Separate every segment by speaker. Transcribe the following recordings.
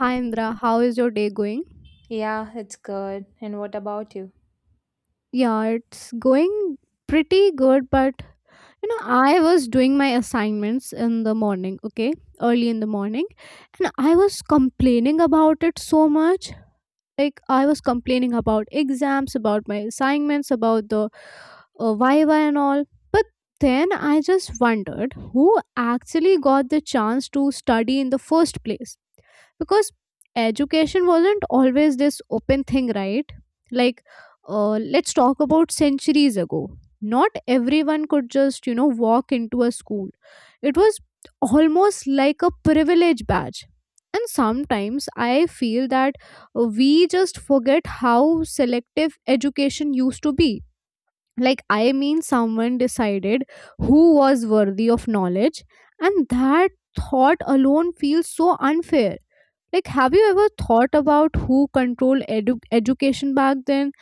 Speaker 1: Hi Indra, how is your day going?
Speaker 2: Yeah, it's good. And what about you?
Speaker 1: Yeah, it's going pretty good, but I was doing my assignments in the morning, okay, early in the morning, and I was complaining about it so much. Like, I was complaining about exams, about my assignments, about the Viva and all. But then I just wondered who actually got the chance to study in the first place. Because education wasn't always this open thing, right? Like, let's talk about centuries ago. Not everyone could just walk into a school. It was almost like a privilege badge, and sometimes I feel that we just forget how selective education used to be. Like, I mean, someone decided who was worthy of knowledge, and that thought alone feels so unfair. Like, have you ever thought about who controlled education back then?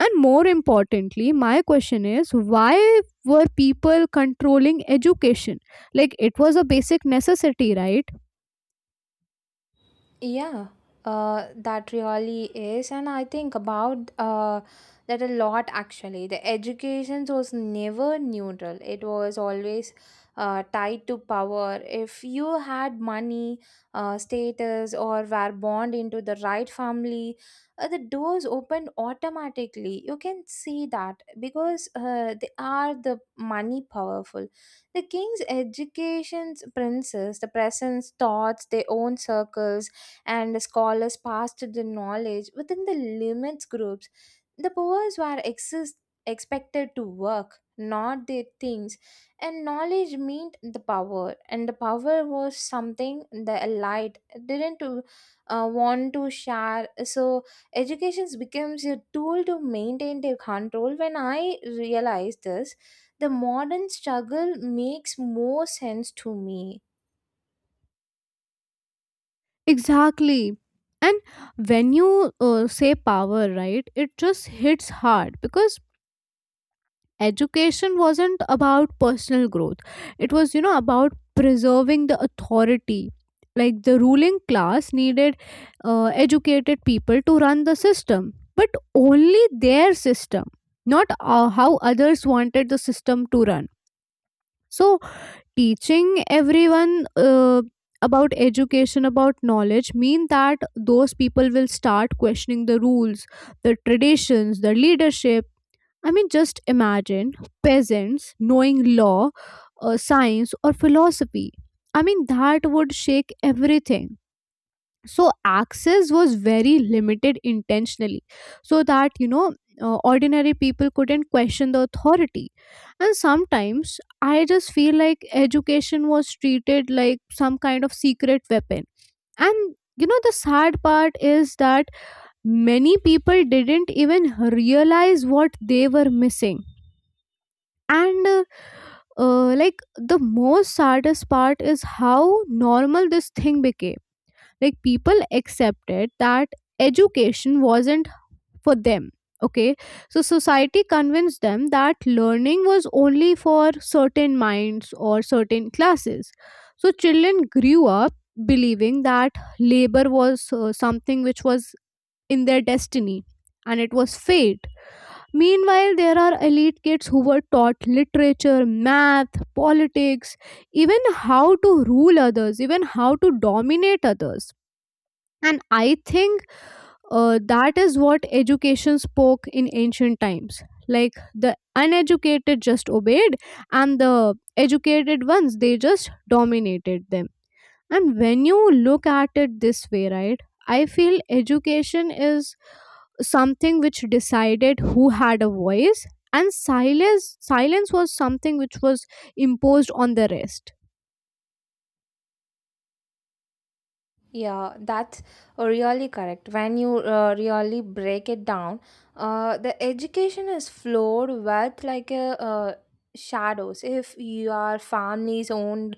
Speaker 1: And more importantly, my question is, why were people controlling education? Like, it was a basic necessity, right?
Speaker 2: Yeah, that really is, and I think about that a lot actually. The education was never neutral, it was always tied to power. If you had money, status, or were born into the right family, the doors opened automatically. You can see that because they are the money powerful. The king's education's princes, the presence, thoughts, their own circles and scholars passed the knowledge within the limits groups. The powers were exist- Expected to work, not their things, and knowledge meant the power, and the power was something the elite didn't want to share. So education becomes a tool to maintain their control. When I realized this, the modern struggle makes more sense to me.
Speaker 1: Exactly. And when you say power, right, it just hits hard because education wasn't about personal growth, it was, you know, about preserving the authority. Like the ruling class needed educated people to run the system, but only their system, not how others wanted the system to run. So teaching everyone about education, about knowledge, mean that those people will start questioning the rules, the traditions, the leadership. I mean, just imagine peasants knowing law, science, or philosophy. I mean, that would shake everything. So access was very limited intentionally, so that, you know, ordinary people couldn't question the authority. And sometimes I just feel like education was treated like some kind of secret weapon. And you know, the sad part is that many people didn't even realize what they were missing. And Like the most saddest part is how normal this thing became. Like people accepted that education wasn't for them, okay? So society convinced them that learning was only for certain minds or certain classes. So children grew up believing that labor was something which was in their destiny, and it was fate. Meanwhile, there are elite kids who were taught literature, math, politics, even how to rule others, even how to dominate others. And I think that is what education spoke in ancient times. Like the uneducated just obeyed, and the educated ones, they just dominated them. And when you look at it this way, right, I feel education is something which decided who had a voice, and silence was something which was imposed on the rest.
Speaker 2: Yeah, that's really correct. When you really break it down, the education is flowed with like shadows. If your family's owned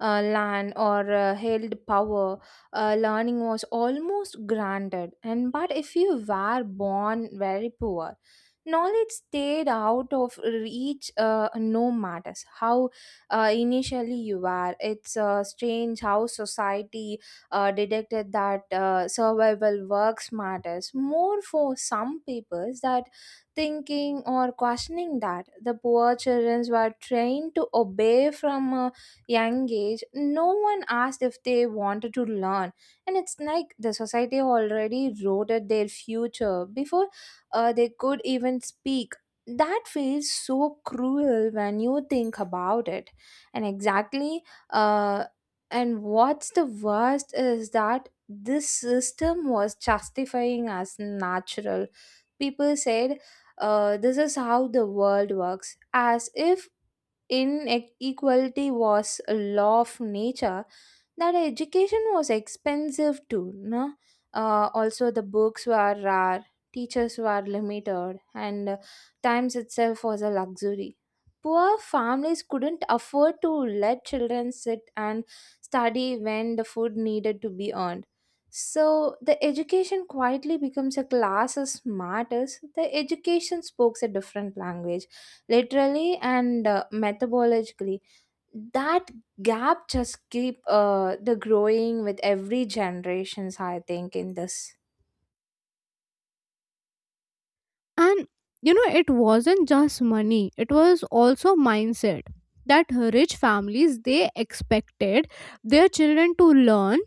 Speaker 2: land or held power, learning was almost granted. And but if you were born very poor, knowledge stayed out of reach. No matters how initially you were. It's strange how society detected that survival works matters more for some peoples that thinking or questioning, that the poor children were trained to obey from a young age. No one asked if they wanted to learn, and it's like the society already wrote at their future before they could even speak. That feels so cruel when you think about it. And exactly, uh, and what's the worst is that this system was justifying as natural. People said, this is how the world works, as if inequality was a law of nature. That education was expensive too, no, also the books were rare, teachers were limited, and times itself was a luxury. Poor families couldn't afford to let children sit and study when the food needed to be earned. So the education quietly becomes a class as smart. The education spoke a different language, literally and metabolically. That gap just keep the growing with every generations, I think in this.
Speaker 1: And you know, it wasn't just money, it was also mindset. That rich families, they expected their children to learn,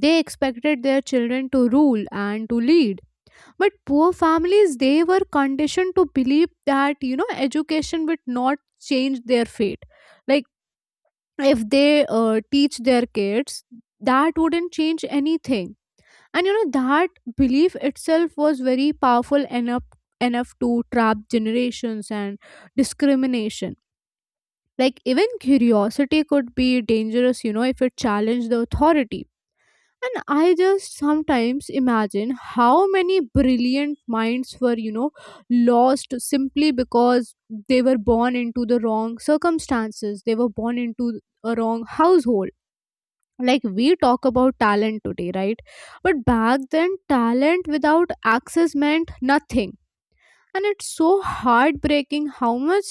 Speaker 1: they expected their children to rule and to lead. But poor families, they were conditioned to believe that, you know, education would not change their fate. Like if they teach their kids, that wouldn't change anything. And you know, that belief itself was very powerful, enough enough to trap generations and discrimination. Like even curiosity could be dangerous, you know, if it challenged the authority. And I just sometimes imagine how many brilliant minds were, you know, lost simply because they were born into the wrong circumstances, they were born into a wrong household. Like we talk about talent today, right? But back then talent without access meant nothing. And it's so heartbreaking how much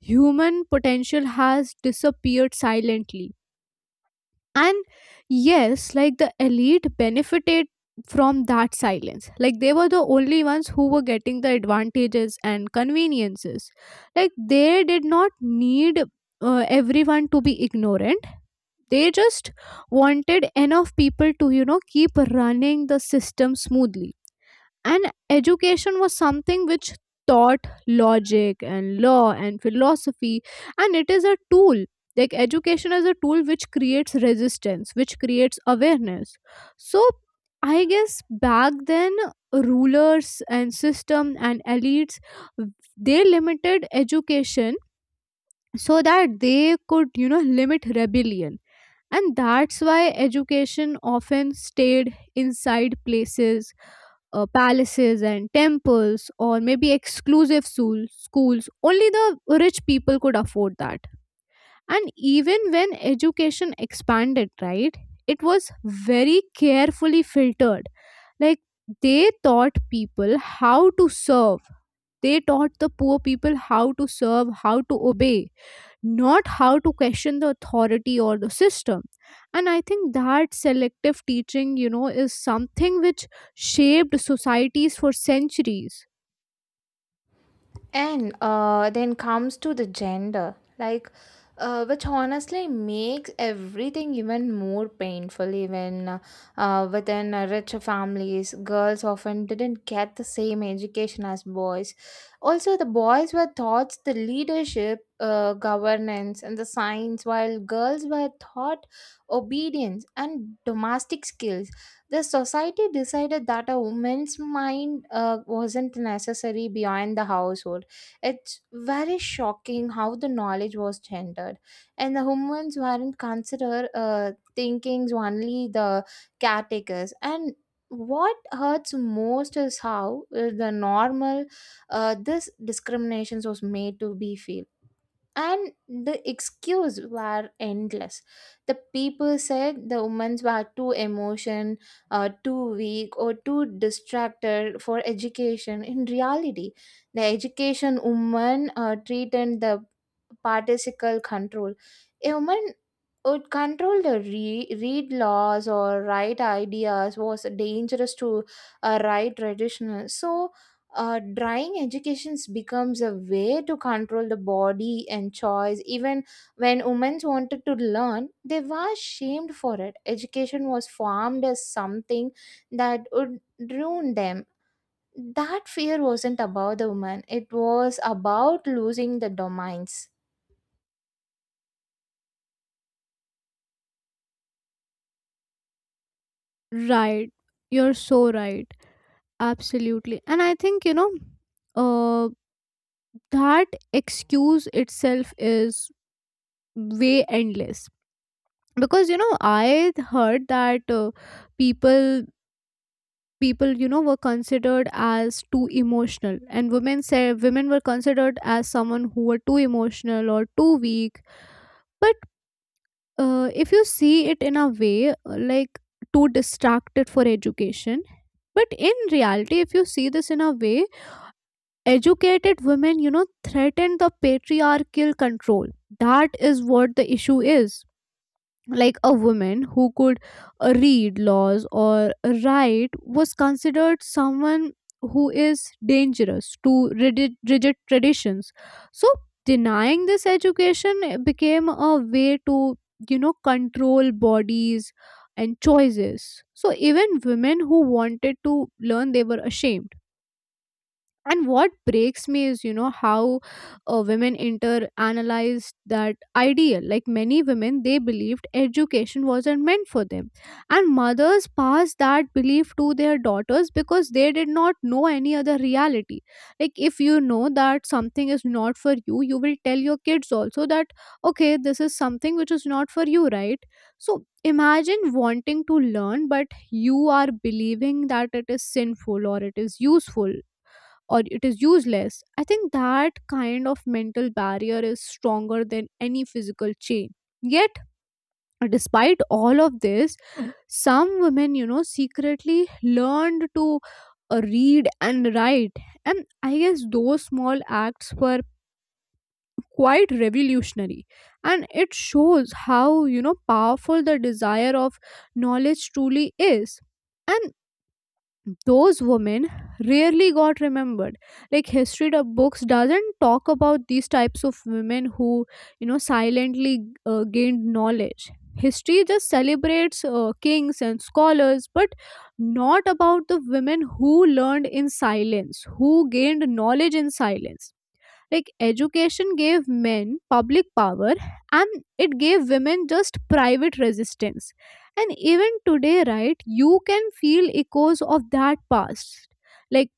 Speaker 1: human potential has disappeared silently. And yes, like the elite benefited from that silence. Like they were the only ones who were getting the advantages and conveniences. Like they did not need everyone to be ignorant, they just wanted enough people to, keep running the system smoothly. And education was something which taught logic and law and philosophy, and it is a tool. Like education is a tool which creates resistance, which creates awareness. So I guess back then rulers and system and elites, they limited education so that they could, you know, limit rebellion. And that's why education often stayed inside places, palaces and temples, or maybe exclusive schools only the rich people could afford that. And even when education expanded, right, it was very carefully filtered. Like they taught people how to serve, they taught the poor people how to serve, how to obey, not how to question the authority or the system. And I think that selective teaching, you know, is something which shaped societies for centuries.
Speaker 2: And then comes to the gender, like which honestly makes everything even more painful. Even within rich families, girls often didn't get the same education as boys. Also, the boys were taught the leadership, governance, and the science, while girls were taught obedience and domestic skills. The society decided that a woman's mind wasn't necessary beyond the household. It's very shocking how the knowledge was gendered, and the humans weren't considered thinking, only the caretakers. And what hurts most is how the normal this discriminations was made to be feel, and the excuse were endless. The people said the women were too emotion, too weak or too distracted for education. In reality, the education woman treated the particle control. A woman would control the read laws or write ideas was dangerous to write traditional. So drawing educations becomes a way to control the body and choice. Even when women wanted to learn they were shamed for it. Education was formed as something that would ruin them. That fear wasn't about the woman, it was about losing the domains.
Speaker 1: Right, you're so right, absolutely. And I think, you know, uh, that excuse itself is way endless, because you know I heard that, people people, you know, were considered as too emotional, and women were considered as someone who were too emotional or too weak. But if you see it in a way, like too distracted for education, but in reality, if you see this in a way, educated women, you know, threaten the patriarchal control. That is what the issue is. Like a woman who could read laws or write was considered someone who is dangerous to rigid traditions. So denying this education became a way to, you know, control bodies and choices. So even women who wanted to learn, they were ashamed. And what breaks me is, you know, how women inter analyzed that ideal. Like many women, they believed education wasn't meant for them, and mothers passed that belief to their daughters because they did not know any other reality. Like if you know that something is not for you, you will tell your kids also that, okay, this is something which is not for you, right? So imagine wanting to learn, but you are believing that it is sinful or it is useful or it is useless. I think that kind of mental barrier is stronger than any physical chain. Yet, despite all of this, some women, you know, secretly learned to read and write. And I guess those small acts were quite revolutionary. And it shows how, you know, powerful the desire of knowledge truly is. And those women rarely got remembered. Like history books doesn't talk about these types of women who, you know, silently gained knowledge. History just celebrates kings and scholars, but not about the women who learned in silence, who gained knowledge in silence. Like education gave men public power, and it gave women just private resistance. And even today, right, you can feel echoes of that past. Like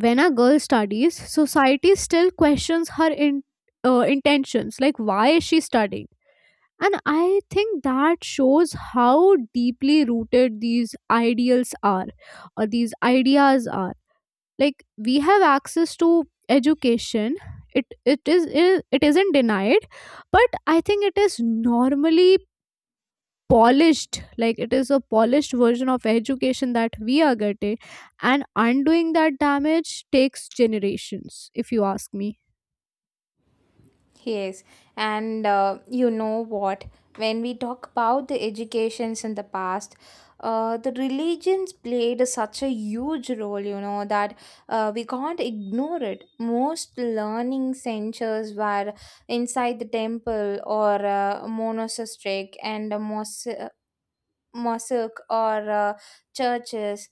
Speaker 1: when a girl studies, society still questions her in, intentions. Like, why is she studying? And I think that shows how deeply rooted these ideals are, or these ideas are. Like we have access to education, it it is it isn't denied, but I think it is normally polished. Like it is a polished version of education that we are getting. And undoing that damage takes generations, if you ask me.
Speaker 2: Yes, and you know what? When we talk about the educations in the past, the religions played such a huge role, you know, that we can't ignore it. Most learning centers were inside the temple or monastic and mosque or churches.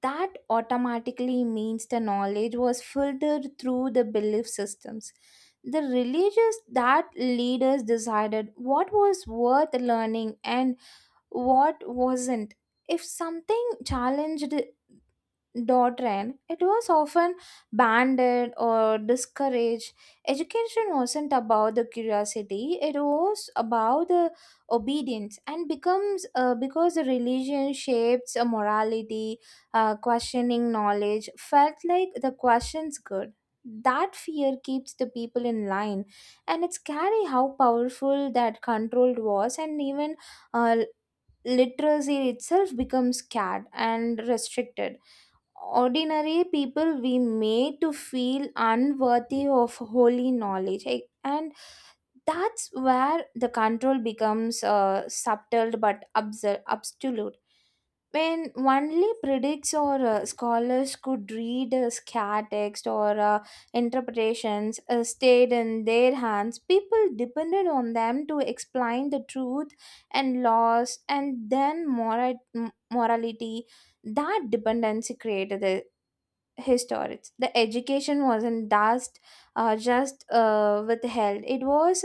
Speaker 2: That automatically means the knowledge was filtered through the belief systems. The religious that leaders decided what was worth learning and what wasn't. If something challenged dot, it was often banded or discouraged. Education wasn't about the curiosity; it was about the obedience, and becomes because the religion shapes a morality. Questioning knowledge felt like the question's good. That fear keeps the people in line, and it's scary how powerful that control was, and even uh, literacy itself becomes scared and restricted. Ordinary people we made to feel unworthy of holy knowledge. And that's where the control becomes subtle but absolute. When only predicts or scholars could read scar text or interpretations stayed in their hands, people depended on them to explain the truth and laws and then morality. That dependency created this historians. The education wasn't just withheld; it was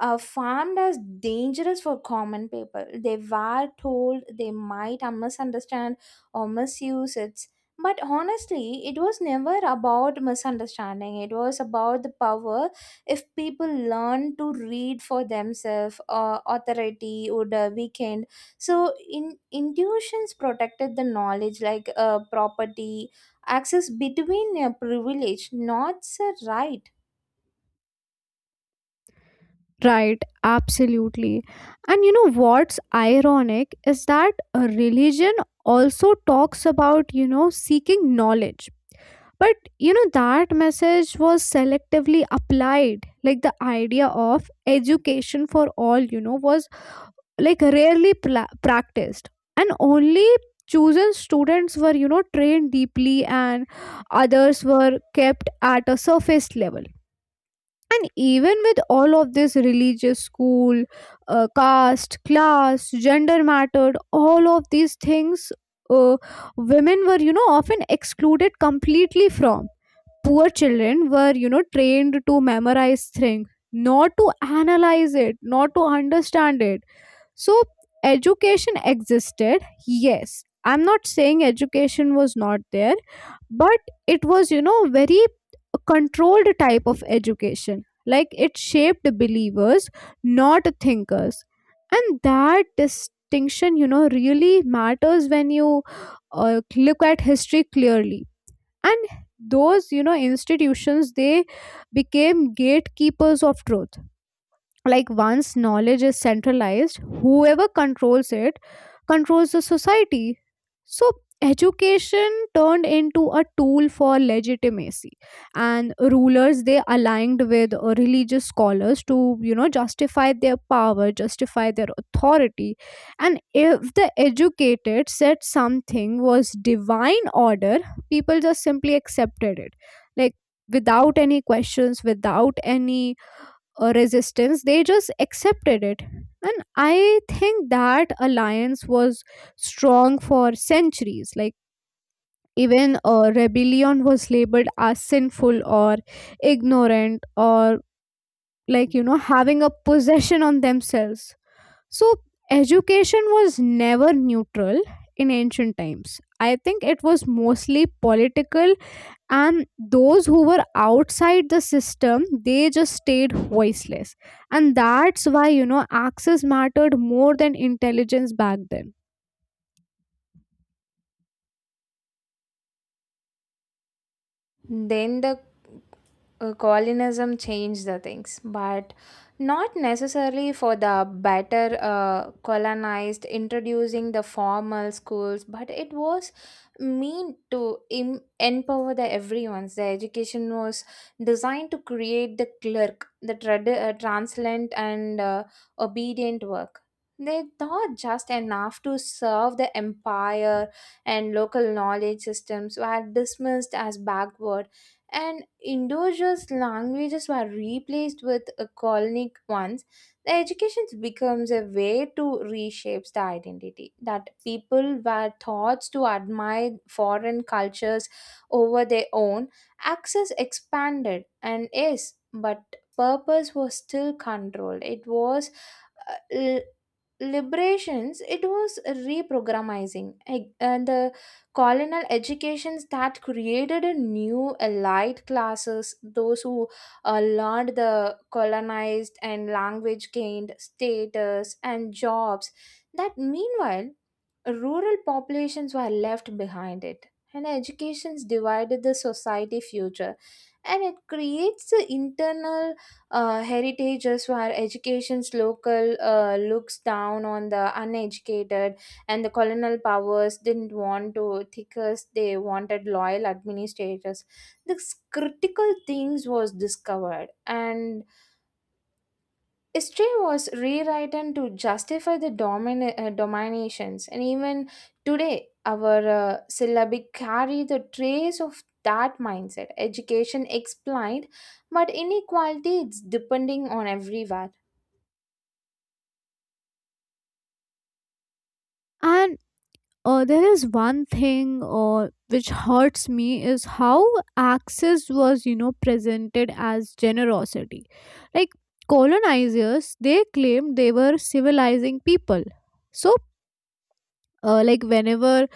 Speaker 2: farmed as dangerous for common people. They were told they might misunderstand or misuse it. But honestly, it was never about misunderstanding. It was about the power. If people learn to read for themselves, authority would weaken. So, in intuitions protected the knowledge like property. Access between a privilege, not a right.
Speaker 1: Right, absolutely. And you know what's ironic is that a religion also talks about, you know, seeking knowledge. But you know, that message was selectively applied. Like the idea of education for all, you know, was like rarely pla practiced. And only chosen students were, you know, trained deeply, and others were kept at a surface level. And even with all of this religious school, caste, class, gender mattered, all of these things. uh, Women were, you know, often excluded completely from, poor children were, you know, trained to memorize things, not to analyze it, not to understand it. So education existed, yes, I'm not saying education was not there, but it was, you know, very controlled type of education. Like it shaped believers, not thinkers. And that distinction, you know, really matters when you look at history clearly. And those, you know, institutions, they became gatekeepers of truth. Like once knowledge is centralized, whoever controls it controls the society. So education turned into a tool for legitimacy, and rulers, they aligned with religious scholars to, you know, justify their power, justify their authority. And if the educated said something was divine order, people just simply accepted it, like without any questions, without any resistance. They just accepted it. And I think that alliance was strong for centuries. Like even rebellion was labeled as sinful or ignorant, or like, you know, having a possession on themselves. So education was never neutral in ancient times, I think it was mostly political. And those who were outside the system, they just stayed voiceless. And that's why, you know, access mattered more than intelligence back then.
Speaker 2: Then the colonialism changed the things, but not necessarily for the better. Colonized, introducing the formal schools, but it was meant to empower the everyone's. The education was designed to create the clerk, the transient and obedient work. They thought just enough to serve the empire, and local knowledge systems were dismissed as backward, and indigenous languages were replaced with colonic ones. The education becomes a way to reshape the identity. That people were taught to admire foreign cultures over their own, access expanded, and yes, but purpose was still controlled. It was uh, l- liberations, it was reprogramming. And the colonial educations that created a new elite classes, those who learned the colonized and language gained status and jobs. That meanwhile rural populations were left behind it, and educations divided the society future, and it creates the internal heritages where education's local looks down on the uneducated. And the colonial powers didn't want to thickers, they wanted loyal administrators. This critical things was discovered, and history was rewritten to justify the dominations. And even today our syllabic carry the trace of that mindset. Education explained, but inequality it's depending on everywhere.
Speaker 1: And there is one thing, which hurts me is how access was, you know, presented as generosity. Like colonizers, they claimed they were civilizing people. So like whenever,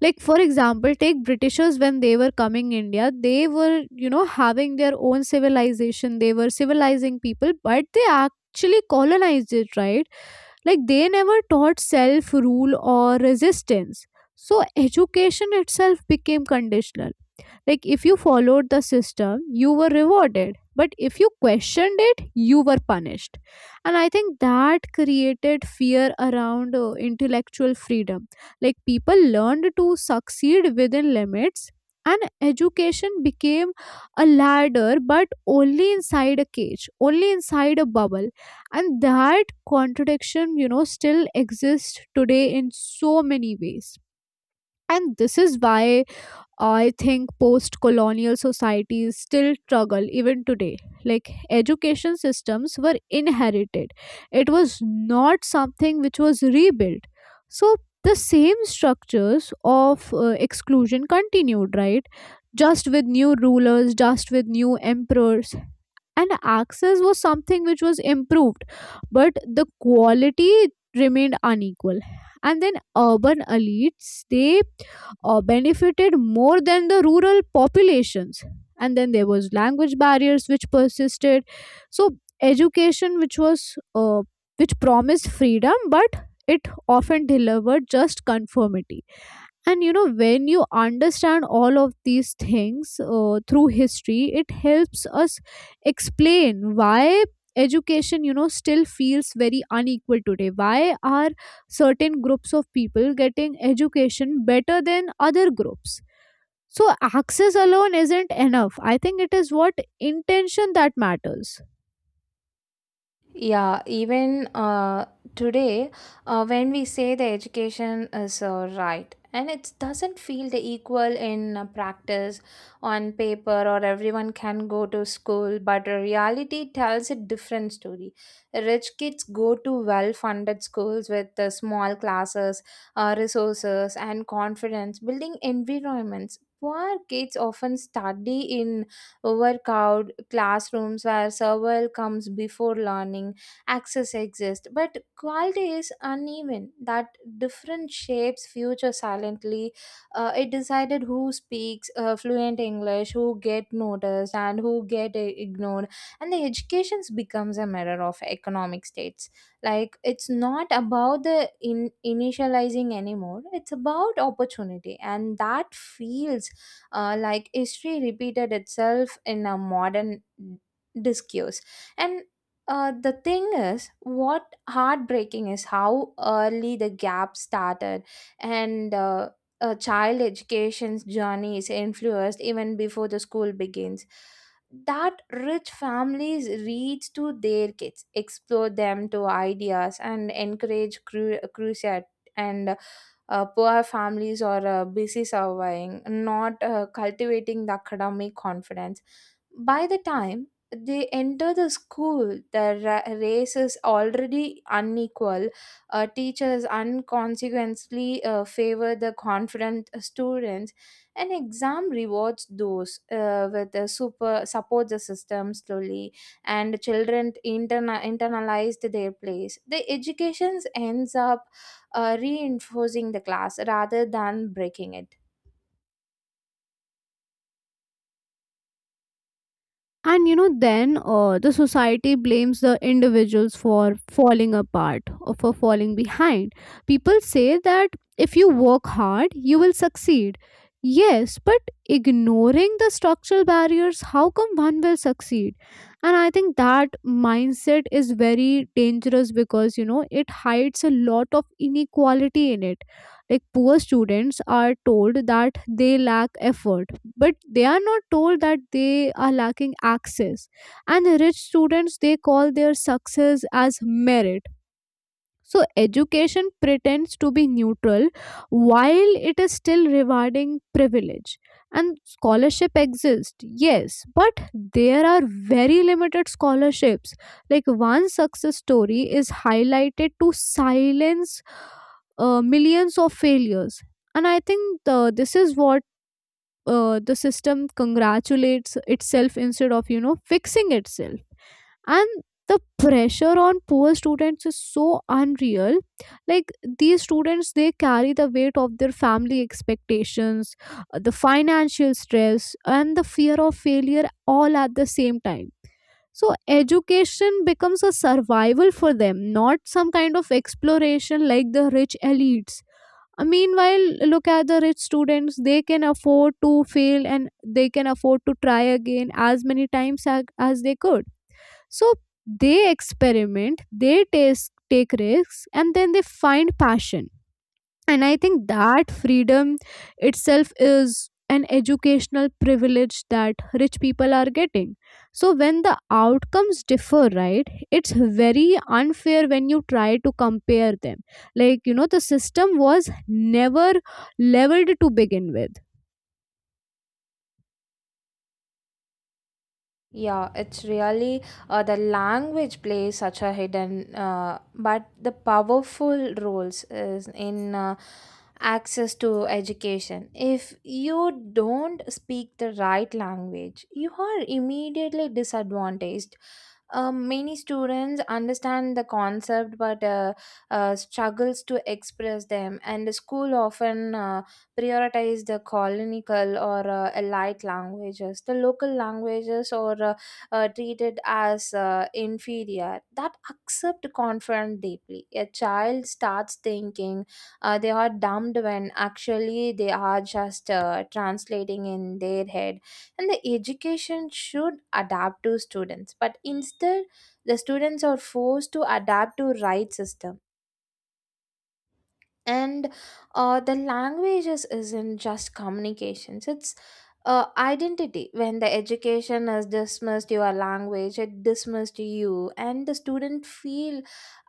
Speaker 1: like for example, take britishers, when they were coming india, they were, you know, having their own civilization, they were civilizing people, but they actually colonized it, right? Like they never taught self rule or resistance. So education itself became conditional. Like, if you followed the system, you were rewarded. But if you questioned it, you were punished. And I think that created fear around intellectual freedom. Like, people learned to succeed within limits, and education became a ladder, but only inside a cage, only inside a bubble. And that contradiction, you know, still exists today in so many ways. And this is why I think post colonial societies still struggle even today. Like, education systems were inherited, it was not something which was rebuilt. So the same structures of exclusion continued, right? Just with new rulers, just with new emperors, and access was something which was improved, but the quality remained unequal. And then urban elites, they benefited more than the rural populations. And then there was language barriers which persisted. So education which was uh, which promised freedom, but it often delivered just conformity. And you know, when you understand all of these things through history, it helps us explain why education, you know, still feels very unequal today. Why are certain groups of people getting education better than other groups? So access alone isn't enough. I think it is what, intention, that matters.
Speaker 2: Yeah, even today, when we say the education is right, and it doesn't feel the equal in practice. On paper, or everyone can go to school, but reality tells a different story. Rich kids go to well funded schools with small classes, resources, and confidence building environments. Poor kids often study in overcrowded classrooms where survival comes before learning. Access exists but quality is uneven. That different shapes future silently. It decided who speaks fluent English, who get noticed and who get ignored. And the education becomes a matter of economic states. Like it's not about the in initializing anymore, it's about opportunity, and that feels like history repeated itself in a modern discourse. And the thing is, what heartbreaking is how early the gap started. And a child education's journey is influenced even before the school begins. That rich families reach to their kids, explore them to ideas and encourage crusade. And poor families or busy surviving, not cultivating the academic confidence. By the time they enter the school, the race is already unequal. Teachers unconsequently favor the confident students, and exam rewards those with the super support the system slowly, and children internalized their place. The education ends up reinforcing the class rather than breaking it.
Speaker 1: And you know, then the society blames the individuals for falling apart or for falling behind. People say that if you work hard, you will succeed. Yes, but ignoring the structural barriers, how come one will succeed? And I think that mindset is very dangerous because, you know, it hides a lot of inequality in it. Like, poor students are told that they lack effort, but they are not told that they are lacking access. And rich students, they call their success as merit. So education pretends to be neutral while it is still rewarding privilege. And scholarship exists, yes, but there are very limited scholarships. Like, one success story is highlighted to silence millions of failures. And I think this is what the system congratulates itself instead of, you know, fixing itself. And the pressure on poor students is so unreal. Like, these students, they carry the weight of their family expectations, the financial stress, and the fear of failure, all at the same time. So education becomes a survival for them, not some kind of exploration like the rich elites. Meanwhile, look at the rich students. They can afford to fail, and they can afford to try again as many times as they could. So they experiment, they taste, take risks, and then they find passion. And I think that freedom itself is an educational privilege that rich people are getting. So when the outcomes differ, right, it's very unfair when you try to compare them. Like, you know, the system was never leveled to begin with.
Speaker 2: Yeah, it's really the language plays such a hidden but the powerful roles is in access to education. If you don't speak the right language, you are immediately disadvantaged. Many students understand the concept but struggles to express them, and the school often prioritize the colonial or allied languages. The local languages are treated as inferior. That accept confront deeply. A child starts thinking they are dumb when actually they are just translating in their head. And the education should adapt to students, but instead the students are forced to adapt to right system. And the languages isn't just communications, it's identity. When the education has dismissed your language, it dismissed you, and the student feel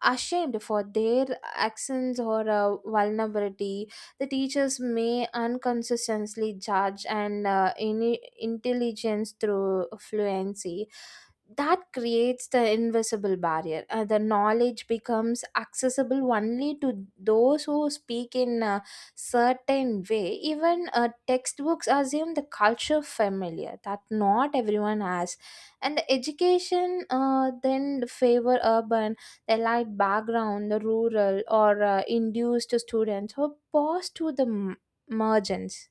Speaker 2: ashamed for their accents or vulnerability. The teachers may unconsistently judge and intelligence through fluency. That creates the invisible barrier. The knowledge becomes accessible only to those who speak in a certain way. Even textbooks assume the culture familiar that not everyone has, and the education then favor urban, the light background, the rural or induced students who pass to the margins.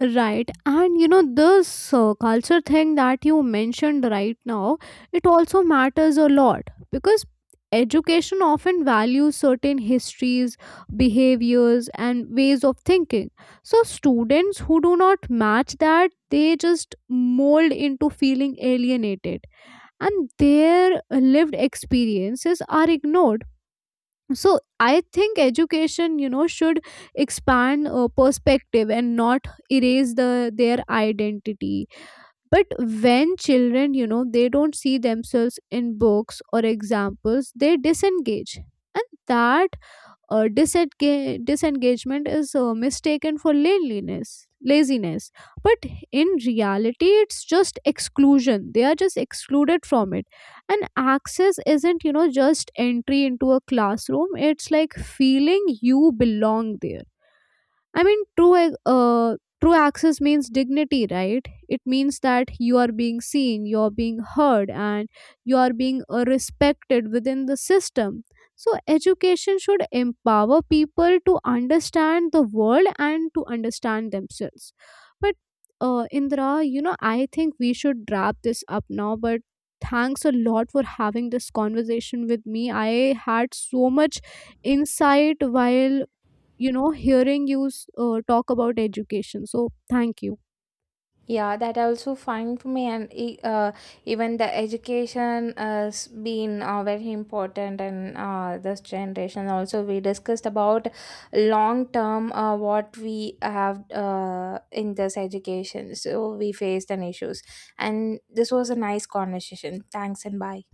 Speaker 1: Right, and you know, this culture thing that you mentioned right now, it also matters a lot because education often values certain histories, behaviors, and ways of thinking. So, students who do not match that, they just mold into feeling alienated, and their lived experiences are ignored. So I think education, you know, should expand perspective and not erase the their identity. But when children, you know, they don't see themselves in books or examples, they disengage. And that disengagement is mistaken for laziness. But in reality, it's just exclusion. They are just excluded from it. And access isn't, you know, just entry into a classroom. It's like feeling you belong there. I mean, true, true access means dignity, right? It means that you are being seen, you are being heard, and you are being respected within the system. So, education should empower people to understand the world and to understand themselves. But, Indra, you know, I think we should wrap this up now, but thanks a lot for having this conversation with me. I had so much insight while, you know, hearing you talk about education. So thank you.
Speaker 2: Yeah, that I also find for me, and even the education has been very important in this generation. Also, we discussed about long term what we have in this education. So we faced an issues, and this was a nice conversation. Thanks and bye.